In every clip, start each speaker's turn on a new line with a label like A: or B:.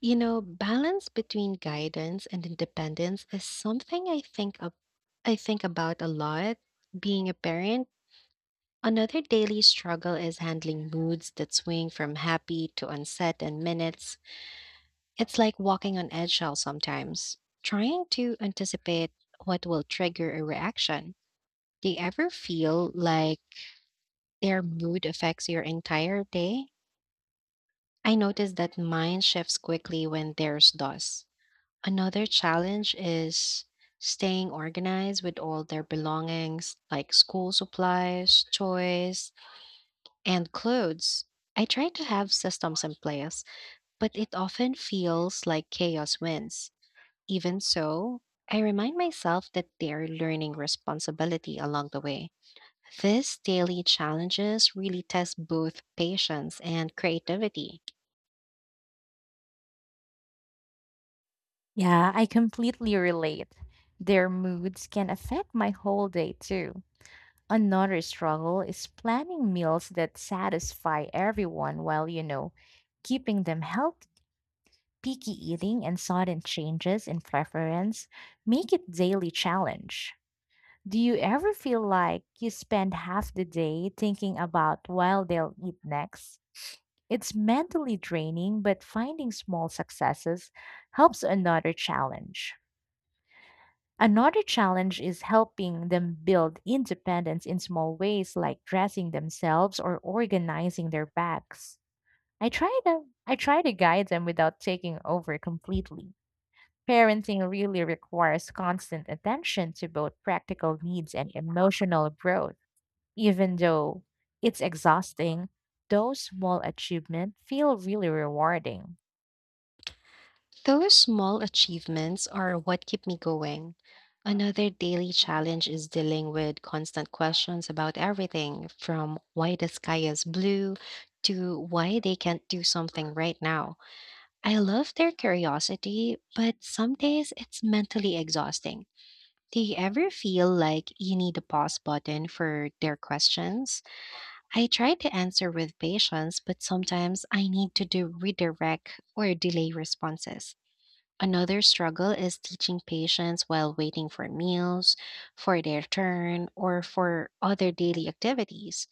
A: You know, balance between guidance and independence is something I think about a lot being a parent. Another daily struggle is handling moods that swing from happy to unset in minutes. It's like walking on eggshells sometimes, trying to anticipate what will trigger a reaction. Do you ever feel like their mood affects your entire day? I notice that mine shifts quickly when theirs does. Another challenge is staying organized with all their belongings like school supplies, toys, and clothes. I try to have systems in place, but it often feels like chaos wins. Even so, I remind myself that they're learning responsibility along the way. These daily challenges really test both patience and creativity.
B: Yeah, I completely relate. Their moods can affect my whole day too. Another struggle is planning meals that satisfy everyone while, keeping them healthy. Picky eating and sudden changes in preference make it daily challenge. Do you ever feel like you spend half the day thinking about while they'll eat next? It's mentally draining, but finding small successes helps another challenge. Another challenge is helping them build independence in small ways like dressing themselves or organizing their bags. I try to guide them without taking over completely. Parenting really requires constant attention to both practical needs and emotional growth. Even though it's exhausting, those small achievements feel really rewarding.
A: Those small achievements are what keep me going. Another daily challenge is dealing with constant questions about everything from why the sky is blue to why they can't do something right now. I love their curiosity, but some days it's mentally exhausting. Do you ever feel like you need a pause button for their questions? I try to answer with patience, but sometimes I need to do redirect or delay responses. Another struggle is teaching patients while waiting for meals, for their turn, or for other daily activities.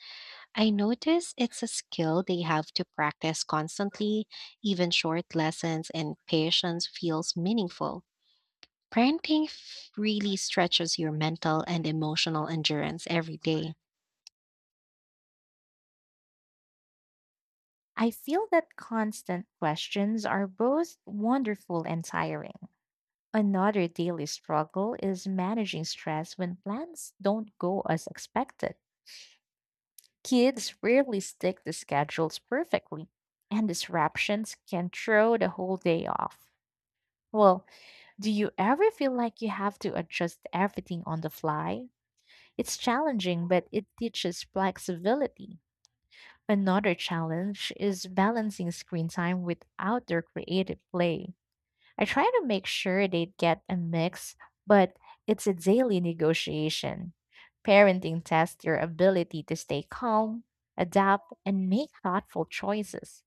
A: I notice it's a skill they have to practice constantly, even short lessons and patience feels meaningful. Really stretches your mental and emotional endurance every day.
B: I feel that constant questions are both wonderful and tiring. Another daily struggle is managing stress when plans don't go as expected. Kids rarely stick to schedules perfectly, and disruptions can throw the whole day off. Well, do you ever feel like you have to adjust everything on the fly? It's challenging, but it teaches flexibility. Another challenge is balancing screen time with outdoor creative play. I try to make sure they get a mix, but it's a daily negotiation. Parenting tests your ability to stay calm, adapt, and make thoughtful choices.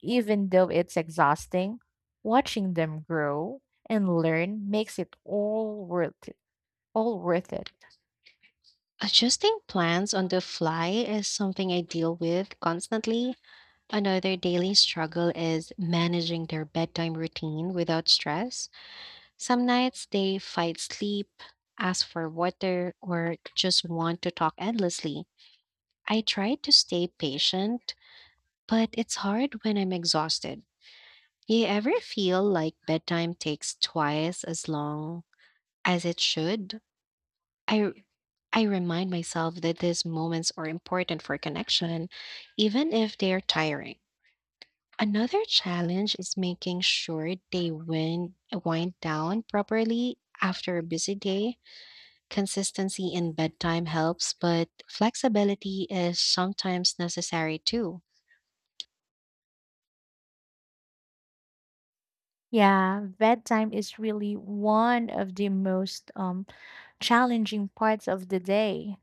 B: Even though it's exhausting, watching them grow and learn makes it all worth it. All worth it.
A: Adjusting plans on the fly is something I deal with constantly. Another daily struggle is managing their bedtime routine without stress. Some nights they fight sleep, ask for water, or just want to talk endlessly. I try to stay patient, but it's hard when I'm exhausted. You ever feel like bedtime takes twice as long as it should? I I remind myself that these moments are important for connection, even if they're tiring. Another challenge is making sure wind down properly after a busy day. Consistency in bedtime helps, but flexibility is sometimes necessary too.
B: Yeah, bedtime is really one of the most challenging parts of the day.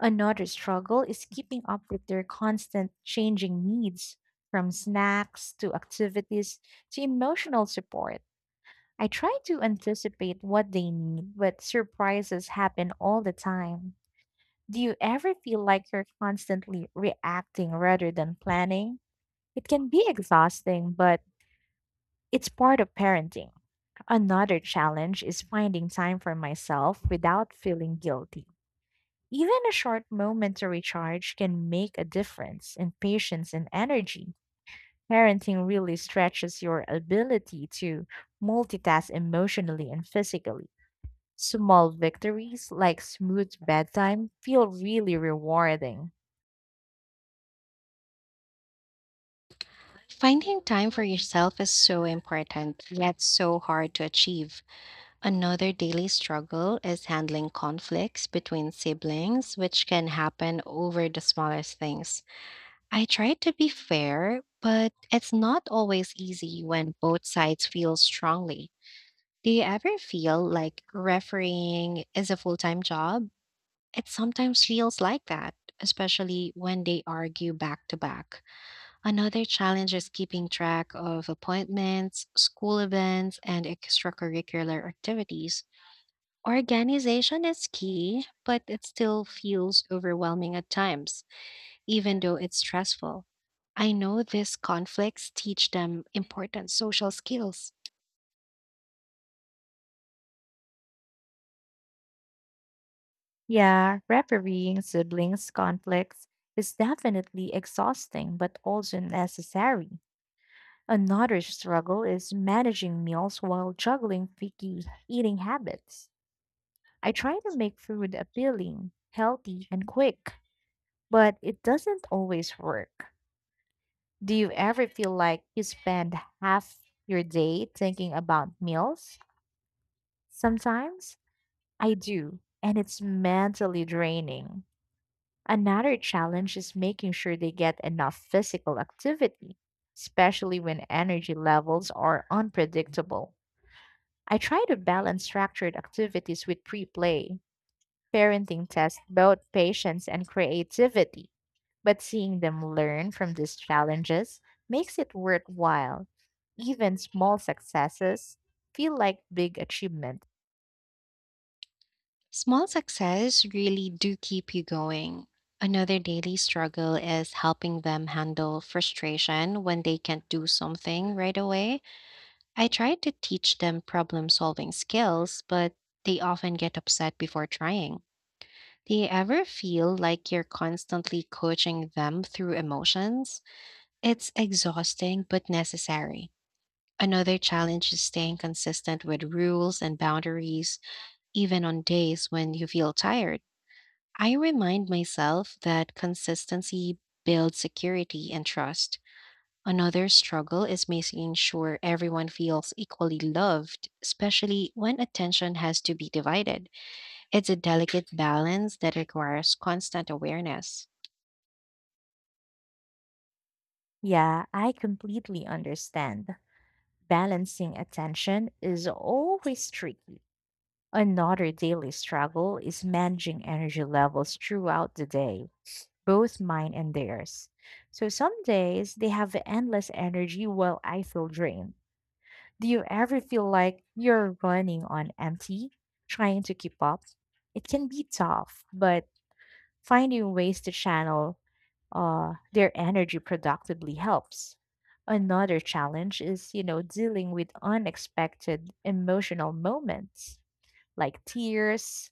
B: Another struggle is keeping up with their constant changing needs, from snacks to activities to emotional support. I try to anticipate what they need, but surprises happen all the time. Do you ever feel like you're constantly reacting rather than planning? It can be exhausting, but it's part of parenting. Another challenge is finding time for myself without feeling guilty. Even a short moment to recharge can make a difference in patience and energy. Parenting really stretches your ability to multitask emotionally and physically. Small victories like smooth bedtime feel really rewarding.
A: Finding time for yourself is so important, yet so hard to achieve. Another daily struggle is handling conflicts between siblings, which can happen over the smallest things. I try to be fair, but it's not always easy when both sides feel strongly. Do you ever feel like refereeing is a full time job? It sometimes feels like that, especially when they argue back to back. Another challenge is keeping track of appointments, school events, and extracurricular activities. Organization is key, but it still feels overwhelming at times even though it's stressful. I know these conflicts teach them important social skills.
B: Yeah, refereeing siblings' conflicts is definitely exhausting but also necessary. Another struggle is managing meals while juggling picky eating habits. I try to make food appealing, healthy, and quick, but it doesn't always work. Do you ever feel like you spend half your day thinking about meals? Sometimes I do, and it's mentally draining. Another challenge is making sure they get enough physical activity, especially when energy levels are unpredictable. I try to balance structured activities with pre play. Parenting tests both patience and creativity, but seeing them learn from these challenges makes it worthwhile. Even small successes feel like big achievements.
A: Small success really do keep you going. Another daily struggle is helping them handle frustration when they can't do something right away. I try to teach them problem solving skills, but they often get upset before trying. Do you ever feel like you're constantly coaching them through emotions? It's exhausting but necessary. Another challenge is staying consistent with rules and boundaries, even on days when you feel tired. I remind myself that consistency builds security and trust. Another struggle is making sure everyone feels equally loved, especially when attention has to be divided. It's a delicate balance that requires constant awareness.
B: Yeah, I completely understand. Balancing attention is always tricky. Another daily struggle is managing energy levels throughout the day, both mine and theirs. So some days they have endless energy while I feel drained. Do you ever feel like you're running on empty, trying to keep up? It can be tough, but finding ways to channel their energy productively helps. Another challenge is, dealing with unexpected emotional moments like tears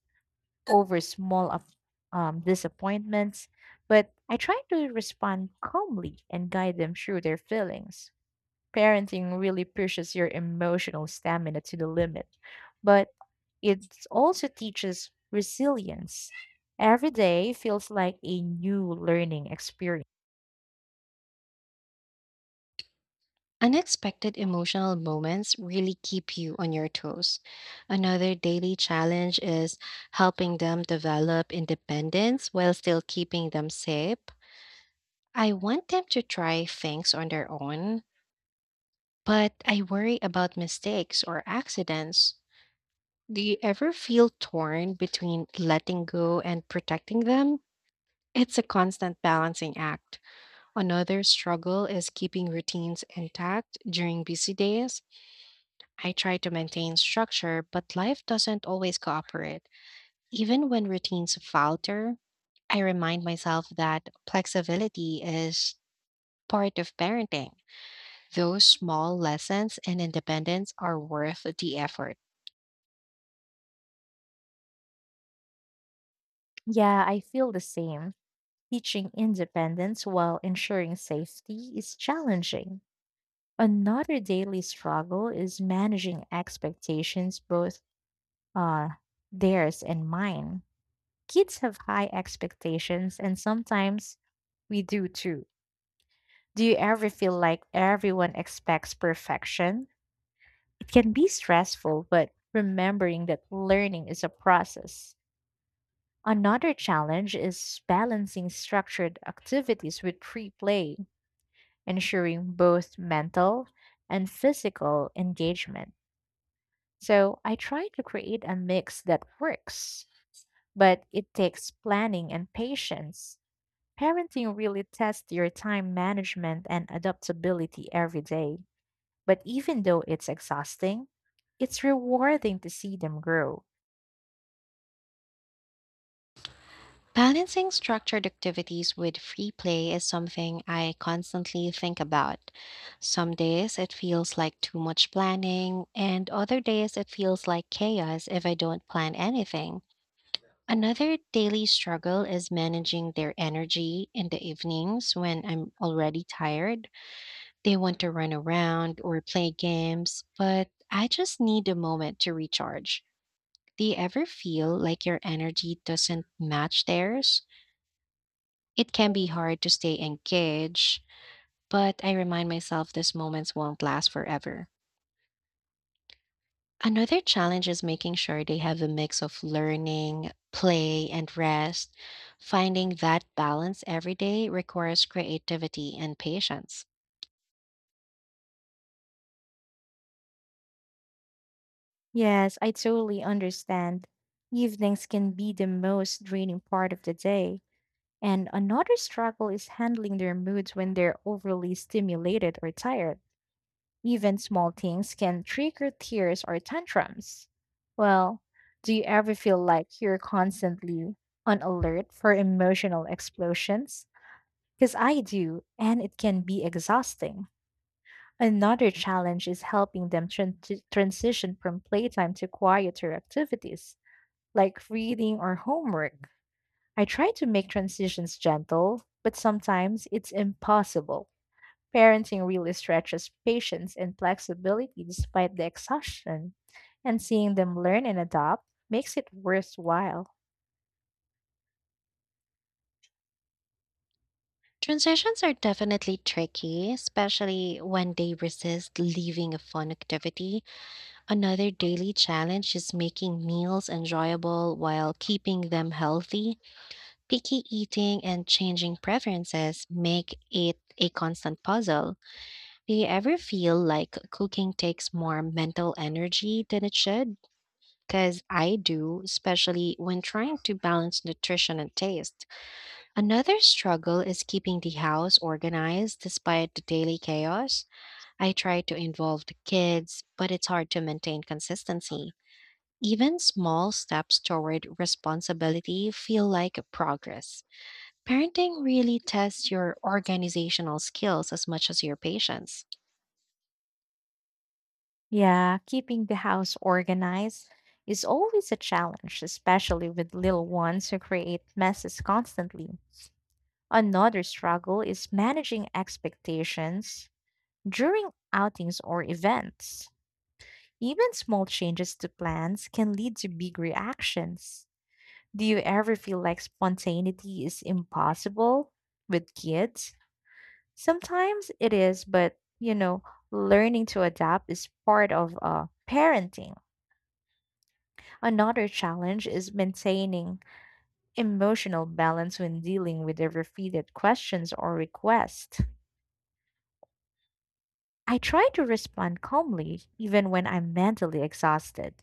B: over disappointments. But I try to respond calmly and guide them through their feelings. Parenting really pushes your emotional stamina to the limit, but it also teaches resilience. Every day feels like a new learning experience.
A: Unexpected emotional moments really keep you on your toes. Another daily challenge is helping them develop independence while still keeping them safe. I want them to try things on their own, but I worry about mistakes or accidents. Do you ever feel torn between letting go and protecting them? It's a constant balancing act. Another struggle is keeping routines intact during busy days. I try to maintain structure, but life doesn't always cooperate. Even when routines falter, I remind myself that flexibility is part of parenting. Those small lessons and independence are worth the effort.
B: Yeah, I feel the same. Teaching independence while ensuring safety is challenging. Another daily struggle is managing expectations, both uh, theirs and mine. Kids have high expectations, and sometimes we do too. Do you ever feel like everyone expects perfection? It can be stressful, but remembering that learning is a process. Another challenge is balancing structured activities with free play, ensuring both mental and physical engagement. So I try to create a mix that works, but it takes planning and patience. Parenting really tests your time management and adaptability every day. But even though it's exhausting, it's rewarding to see them grow.
A: Balancing structured activities with free play is something I constantly think about. Some days it feels like too much planning, and other days it feels like chaos if I don't plan anything. Another daily struggle is managing their energy in the evenings when I'm already tired. They want to run around or play games, but I just need a moment to recharge. Do you ever feel like your energy doesn't match theirs? It can be hard to stay engaged, but I remind myself these moments won't last forever. Another challenge is making sure they have a mix of learning, play, and rest. Finding that balance every day requires creativity and patience.
B: Yes, I totally understand. Evenings can be the most draining part of the day. And another struggle is handling their moods when they're overly stimulated or tired. Even small things can trigger tears or tantrums. Well, do you ever feel like you're constantly on alert for emotional explosions? Because I do, and it can be exhausting. Another challenge is helping them to transition from playtime to quieter activities, like reading or homework. I try to make transitions gentle, but sometimes it's impossible. Parenting really stretches patience and flexibility despite the exhaustion, and seeing them learn and adopt makes it worthwhile.
A: Transitions are definitely tricky, especially when they resist leaving a fun activity. Another daily challenge is making meals enjoyable while keeping them healthy. Picky eating and changing preferences make it a constant puzzle. Do you ever feel like cooking takes more mental energy than it should? Because I do, especially when trying to balance nutrition and taste. Another struggle is keeping the house organized despite the daily chaos. I try to involve the kids, but it's hard to maintain consistency. Even small steps toward responsibility feel like progress. Parenting really tests your organizational skills as much as your patience.
B: Yeah, keeping the house organized is always a challenge, especially with little ones who create messes constantly. Another struggle is managing expectations during outings or events. Even small changes to plans can lead to big reactions. Do you ever feel like spontaneity is impossible with kids? Sometimes it is, but learning to adapt is part of parenting. Another challenge is maintaining emotional balance when dealing with the repeated questions or requests. I try to respond calmly, even when I'm mentally exhausted.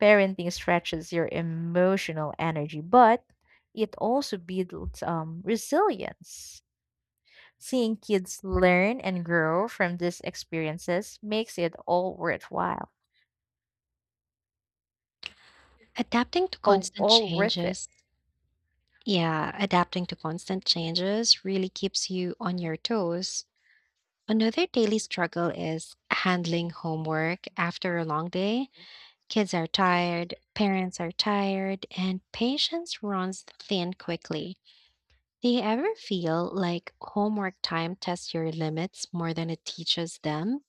B: Parenting stretches your emotional energy, but it also builds resilience. Seeing kids learn and grow from these experiences makes it all worthwhile,
A: Adapting to
B: all,
A: constant
B: all worth it.
A: changes. Yeah, adapting to constant changes really keeps you on your toes. Another daily struggle is handling homework after a long day. Kids are tired, parents are tired, and patience runs thin quickly. Do you ever feel like homework time tests your limits more than it teaches them?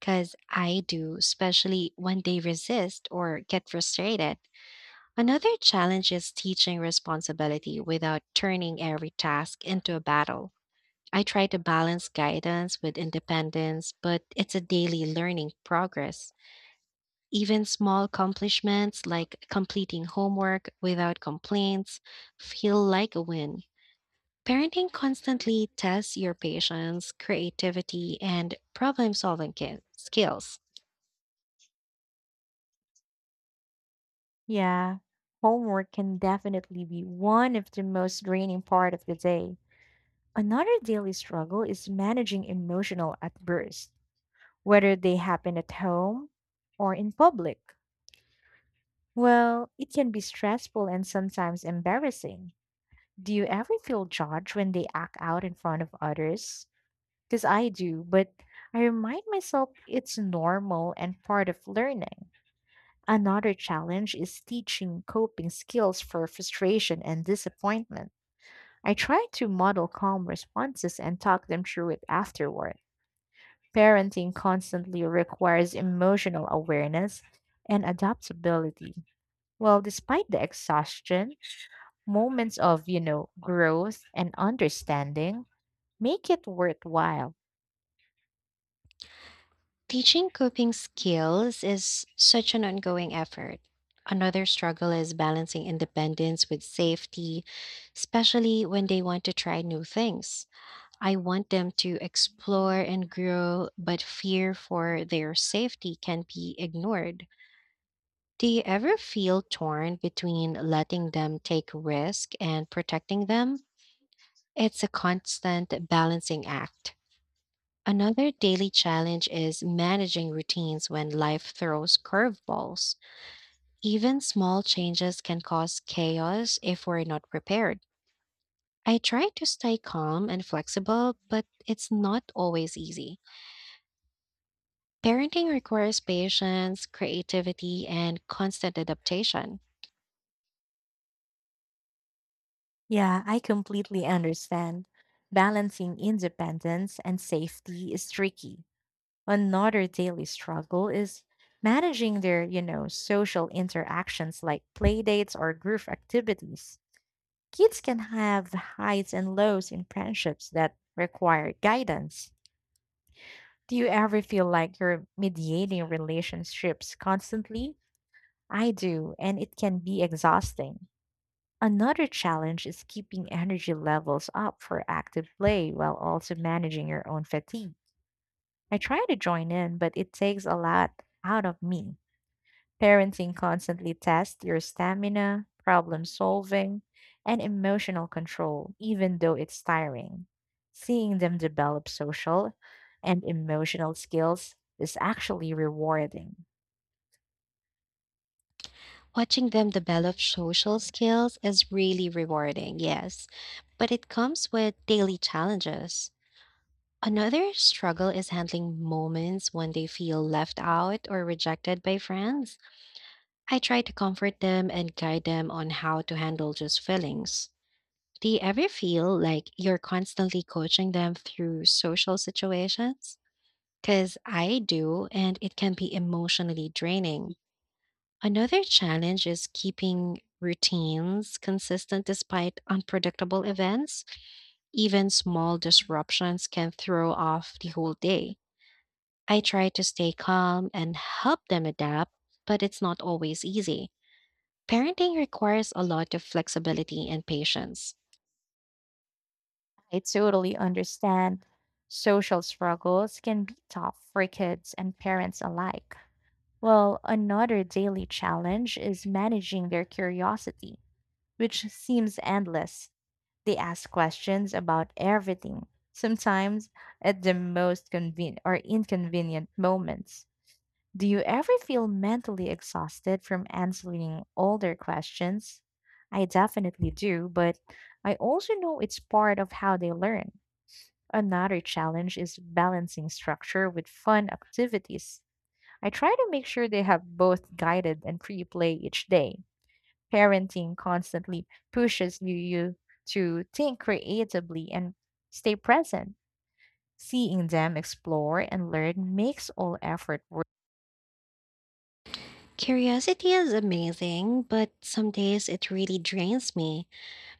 A: Because I do, especially when they resist or get frustrated. Another challenge is teaching responsibility without turning every task into a battle. I try to balance guidance with independence, but it's a daily learning progress. Even small accomplishments like completing homework without complaints feel like a win. Parenting constantly tests your patience, creativity, and problem solving skills.
B: Yeah, homework can definitely be one of the most draining part of the day. Another daily struggle is managing emotional outbursts whether they happen at home or in public. Well, it can be stressful and sometimes embarrassing. Do you ever feel judged when they act out in front of others? Because I do, but I remind myself it's normal and part of learning. Another challenge is teaching coping skills for frustration and disappointment. I try to model calm responses and talk them through it afterward. Parenting constantly requires emotional awareness and adaptability. Well, despite the exhaustion, moments of, growth and understanding make it worthwhile.
A: Teaching coping skills is such an ongoing effort. Another struggle is balancing independence with safety, especially when they want to try new things. I want them to explore and grow, but fear for their safety can be ignored. Do you ever feel torn between letting them take risk and protecting them? It's a constant balancing act. Another daily challenge is managing routines when life throws curveballs. Even small changes can cause chaos if we're not prepared. I try to stay calm and flexible, but it's not always easy. Parenting requires patience, creativity, and constant adaptation.
B: Yeah, I completely understand. Balancing independence and safety is tricky. Another daily struggle is managing their, social interactions like playdates or group activities. Kids can have highs and lows in friendships that require guidance. Do you ever feel like you're mediating relationships constantly? I do, and it can be exhausting. Another challenge is keeping energy levels up for active play while also managing your own fatigue. I try to join in, but it takes a lot out of me. Parenting constantly tests your stamina, problem solving, and emotional control, even though it's tiring. Seeing them develop social and emotional skills is actually rewarding.
A: Watching them develop social skills is really rewarding, yes, but it comes with daily challenges. Another struggle is handling moments when they feel left out or rejected by friends. I try to comfort them and guide them on how to handle those feelings. Do you ever feel like you're constantly coaching them through social situations? Because I do, and it can be emotionally draining. Another challenge is keeping routines consistent despite unpredictable events. Even small disruptions can throw off the whole day. I try to stay calm and help them adapt, but it's not always easy. Parenting requires a lot of flexibility and patience.
B: I totally understand social struggles can be tough for kids and parents alike. Well, another daily challenge is managing their curiosity, which seems endless. They ask questions about everything, sometimes at the or inconvenient moments. Do you ever feel mentally exhausted from answering all their questions? I definitely do, but I also know it's part of how they learn. Another challenge is balancing structure with fun activities. I try to make sure they have both guided and free play each day. Parenting constantly pushes you to think creatively and stay present. Seeing them explore and learn makes all effort worth.
A: Curiosity is amazing, but some days it really drains me.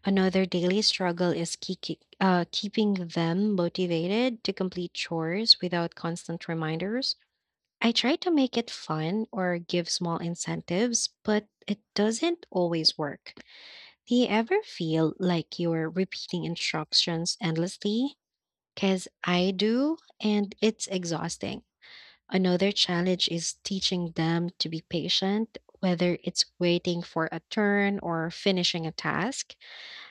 A: Another daily struggle is keeping them motivated to complete chores without constant reminders. I try to make it fun or give small incentives, but it doesn't always work. Do you ever feel like you're repeating instructions endlessly? Because I do, and it's exhausting. Another challenge is teaching them to be patient, whether it's waiting for a turn or finishing a task.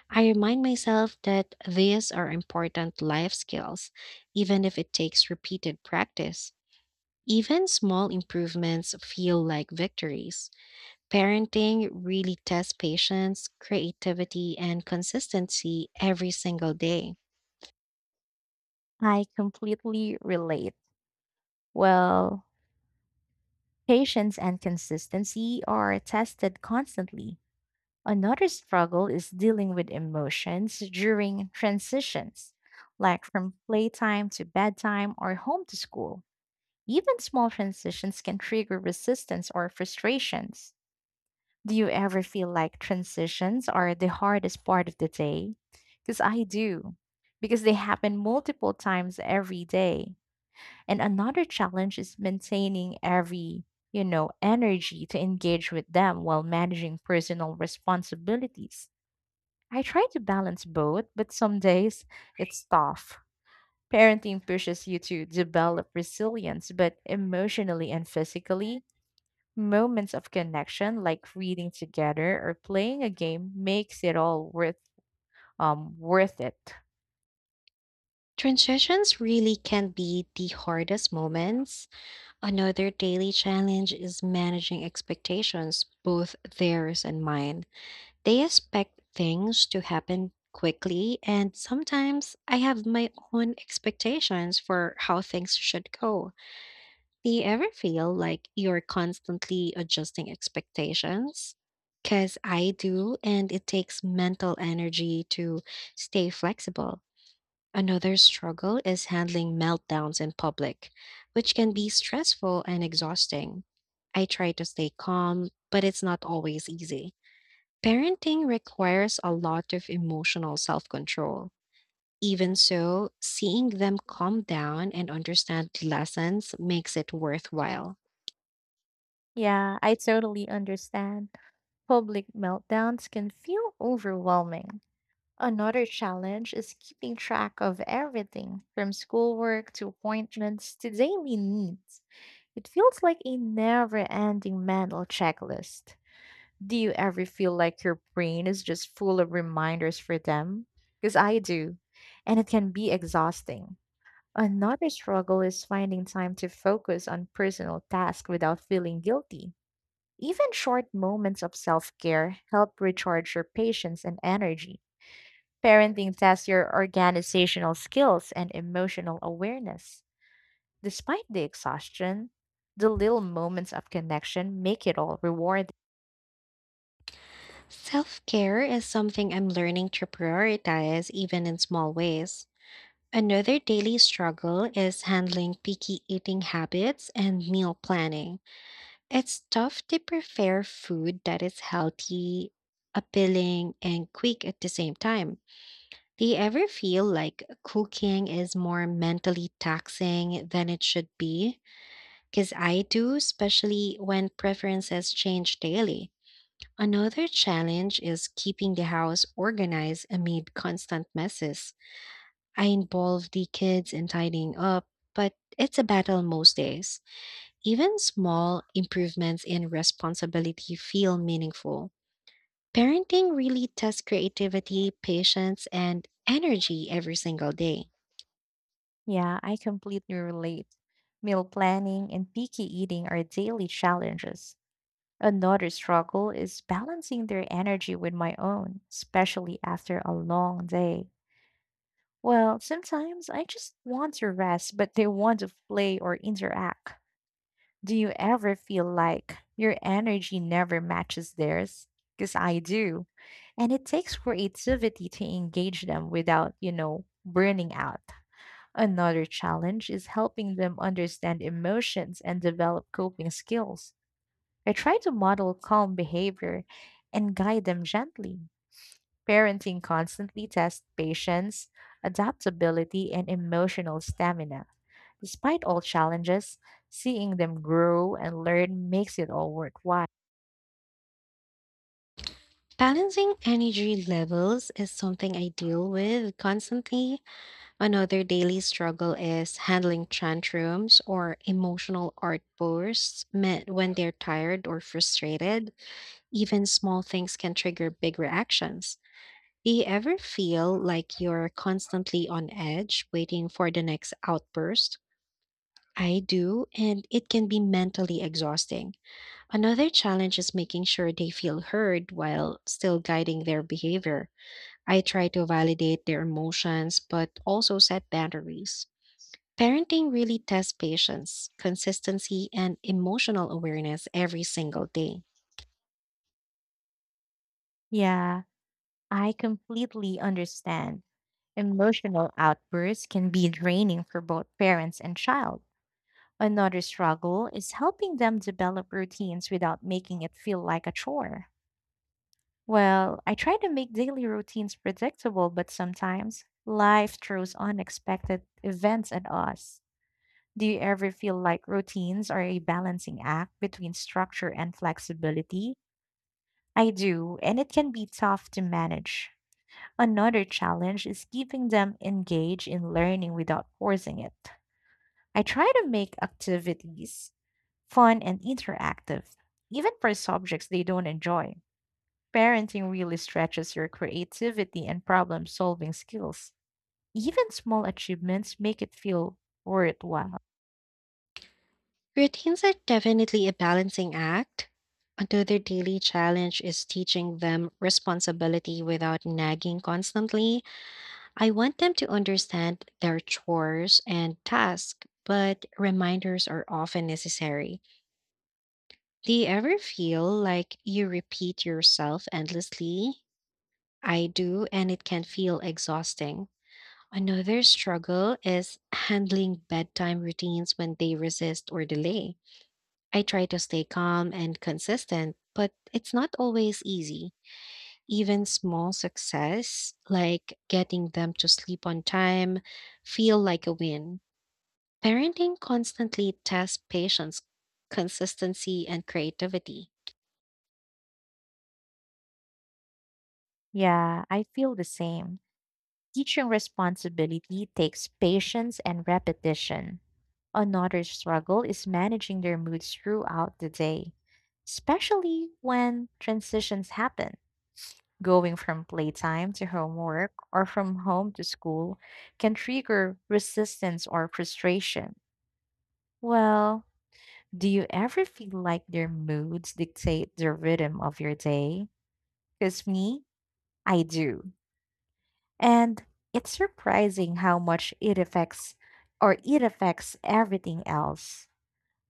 A: I remind myself that these are important life skills, even if it takes repeated practice. Even small improvements feel like victories. Parenting really tests patience, creativity, and consistency every single day.
B: I completely relate. Well, patience and consistency are tested constantly. Another struggle is dealing with emotions during transitions, like from playtime to bedtime or home to school. Even small transitions can trigger resistance or frustrations. Do you ever feel like transitions are the hardest part of the day? Because I do, because they happen multiple times every day. And another challenge is maintaining every, energy to engage with them while managing personal responsibilities. I try to balance both, but some days it's tough. Parenting pushes you to develop resilience, but emotionally and physically, moments of connection, like reading together or playing a game, makes it all worth it.
A: Transitions really can be the hardest moments. Another daily challenge is managing expectations, both theirs and mine. They expect things to happen quickly, and sometimes I have my own expectations for how things should go. Do you ever feel like you're constantly adjusting expectations? Because I do, and it takes mental energy to stay flexible. Another struggle is handling meltdowns in public, which can be stressful and exhausting. I try to stay calm, but it's not always easy. Parenting requires a lot of emotional self control. Even so, seeing them calm down and understand the lessons makes it worthwhile.
B: Yeah, I totally understand. Public meltdowns can feel overwhelming. Another challenge is keeping track of everything from schoolwork to appointments to daily needs. It feels like a never ending mental checklist. Do you ever feel like your brain is just full of reminders for them? Because I do, and it can be exhausting. Another struggle is finding time to focus on personal tasks without feeling guilty. Even short moments of self care help recharge your patience and energy. Parenting tests your organizational skills and emotional awareness. Despite the exhaustion, the little moments of connection make it all rewarding.
A: Self care is something I'm learning to prioritize even in small ways. Another daily struggle is handling picky eating habits and meal planning. It's tough to prepare food that is healthy, appealing, and quick at the same time. Do you ever feel like cooking is more mentally taxing than it should be? Because I do, especially when preferences change daily. Another challenge is keeping the house organized amid constant messes. I involve the kids in tidying up, but it's a battle most days. Even small improvements in responsibility feel meaningful. Parenting really tests creativity, patience, and energy every single day.
B: Yeah, I completely relate. Meal planning and picky eating are daily challenges. Another struggle is balancing their energy with my own, especially after a long day. Well, sometimes I just want to rest, but they want to play or interact. Do you ever feel like your energy never matches theirs? Because I do. And it takes creativity to engage them without, burning out. Another challenge is helping them understand emotions and develop coping skills. I try to model calm behavior and guide them gently. Parenting constantly tests patience, adaptability, and emotional stamina. Despite all challenges, seeing them grow and learn makes it all worthwhile.
A: Balancing energy levels is something I deal with constantly. Another daily struggle is handling tantrums or emotional outbursts meant when they're tired or frustrated. Even small things can trigger big reactions. Do you ever feel like you're constantly on edge waiting for the next outburst? I do, and it can be mentally exhausting. Another challenge is making sure they feel heard while still guiding their behavior. I try to validate their emotions, but also set boundaries. Parenting really tests patience, consistency, and emotional awareness every single day.
B: Yeah, I completely understand. Emotional outbursts can be draining for both parents and child. Another struggle is helping them develop routines without making it feel like a chore. Well, I try to make daily routines predictable, but sometimes life throws unexpected events at us. Do you ever feel like routines are a balancing act between structure and flexibility? I do, and it can be tough to manage. Another challenge is keeping them engaged in learning without forcing it. I try to make activities fun, and interactive, even for subjects they don't enjoy. Parenting really stretches your creativity and problem solving skills. Even small achievements make it feel worthwhile.
A: Routines are definitely a balancing act. Another daily challenge is teaching them responsibility without nagging constantly. I want them to understand their chores and tasks, but reminders are often necessary. Do you ever feel like you repeat yourself endlessly? I do, and it can feel exhausting. Another struggle is handling bedtime routines when they resist or delay. I try to stay calm and consistent, but it's not always easy. Even small success, like getting them to sleep on time, feel like a win. Parenting constantly tests patience, consistency, and creativity.
B: Yeah, I feel the same. Teaching responsibility takes patience and repetition. Another struggle is managing their moods throughout the day, especially when transitions happen. Going from playtime to homework or from home to school can trigger resistance or frustration. Well, do you ever feel like their moods dictate the rhythm of your day? Because me, I do. And it's surprising how much it affects or it affects everything else.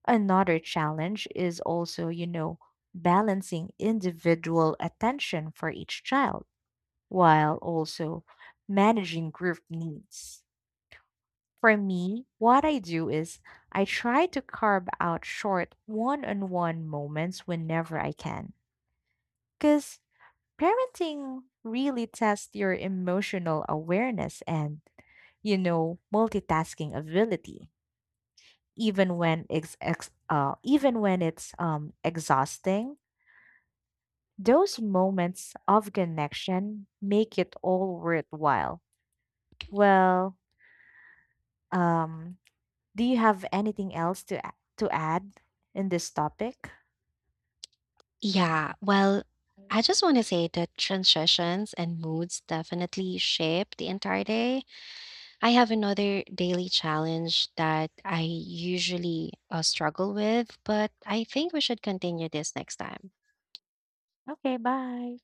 B: Another challenge is also, balancing individual attention for each child while also managing group needs. For me, what I do is I try to carve out short one on one moments whenever I can. Because parenting really tests your emotional awareness and, multitasking ability. Even when it's even when it's exhausting, those moments of connection make it all worthwhile. Well, um, do you have anything else to add in this topic?
A: Yeah, well, I just want to say that transitions and moods definitely shape the entire day. I have another daily challenge that I usually struggle with, but I think we should continue this next time.
B: Okay, bye.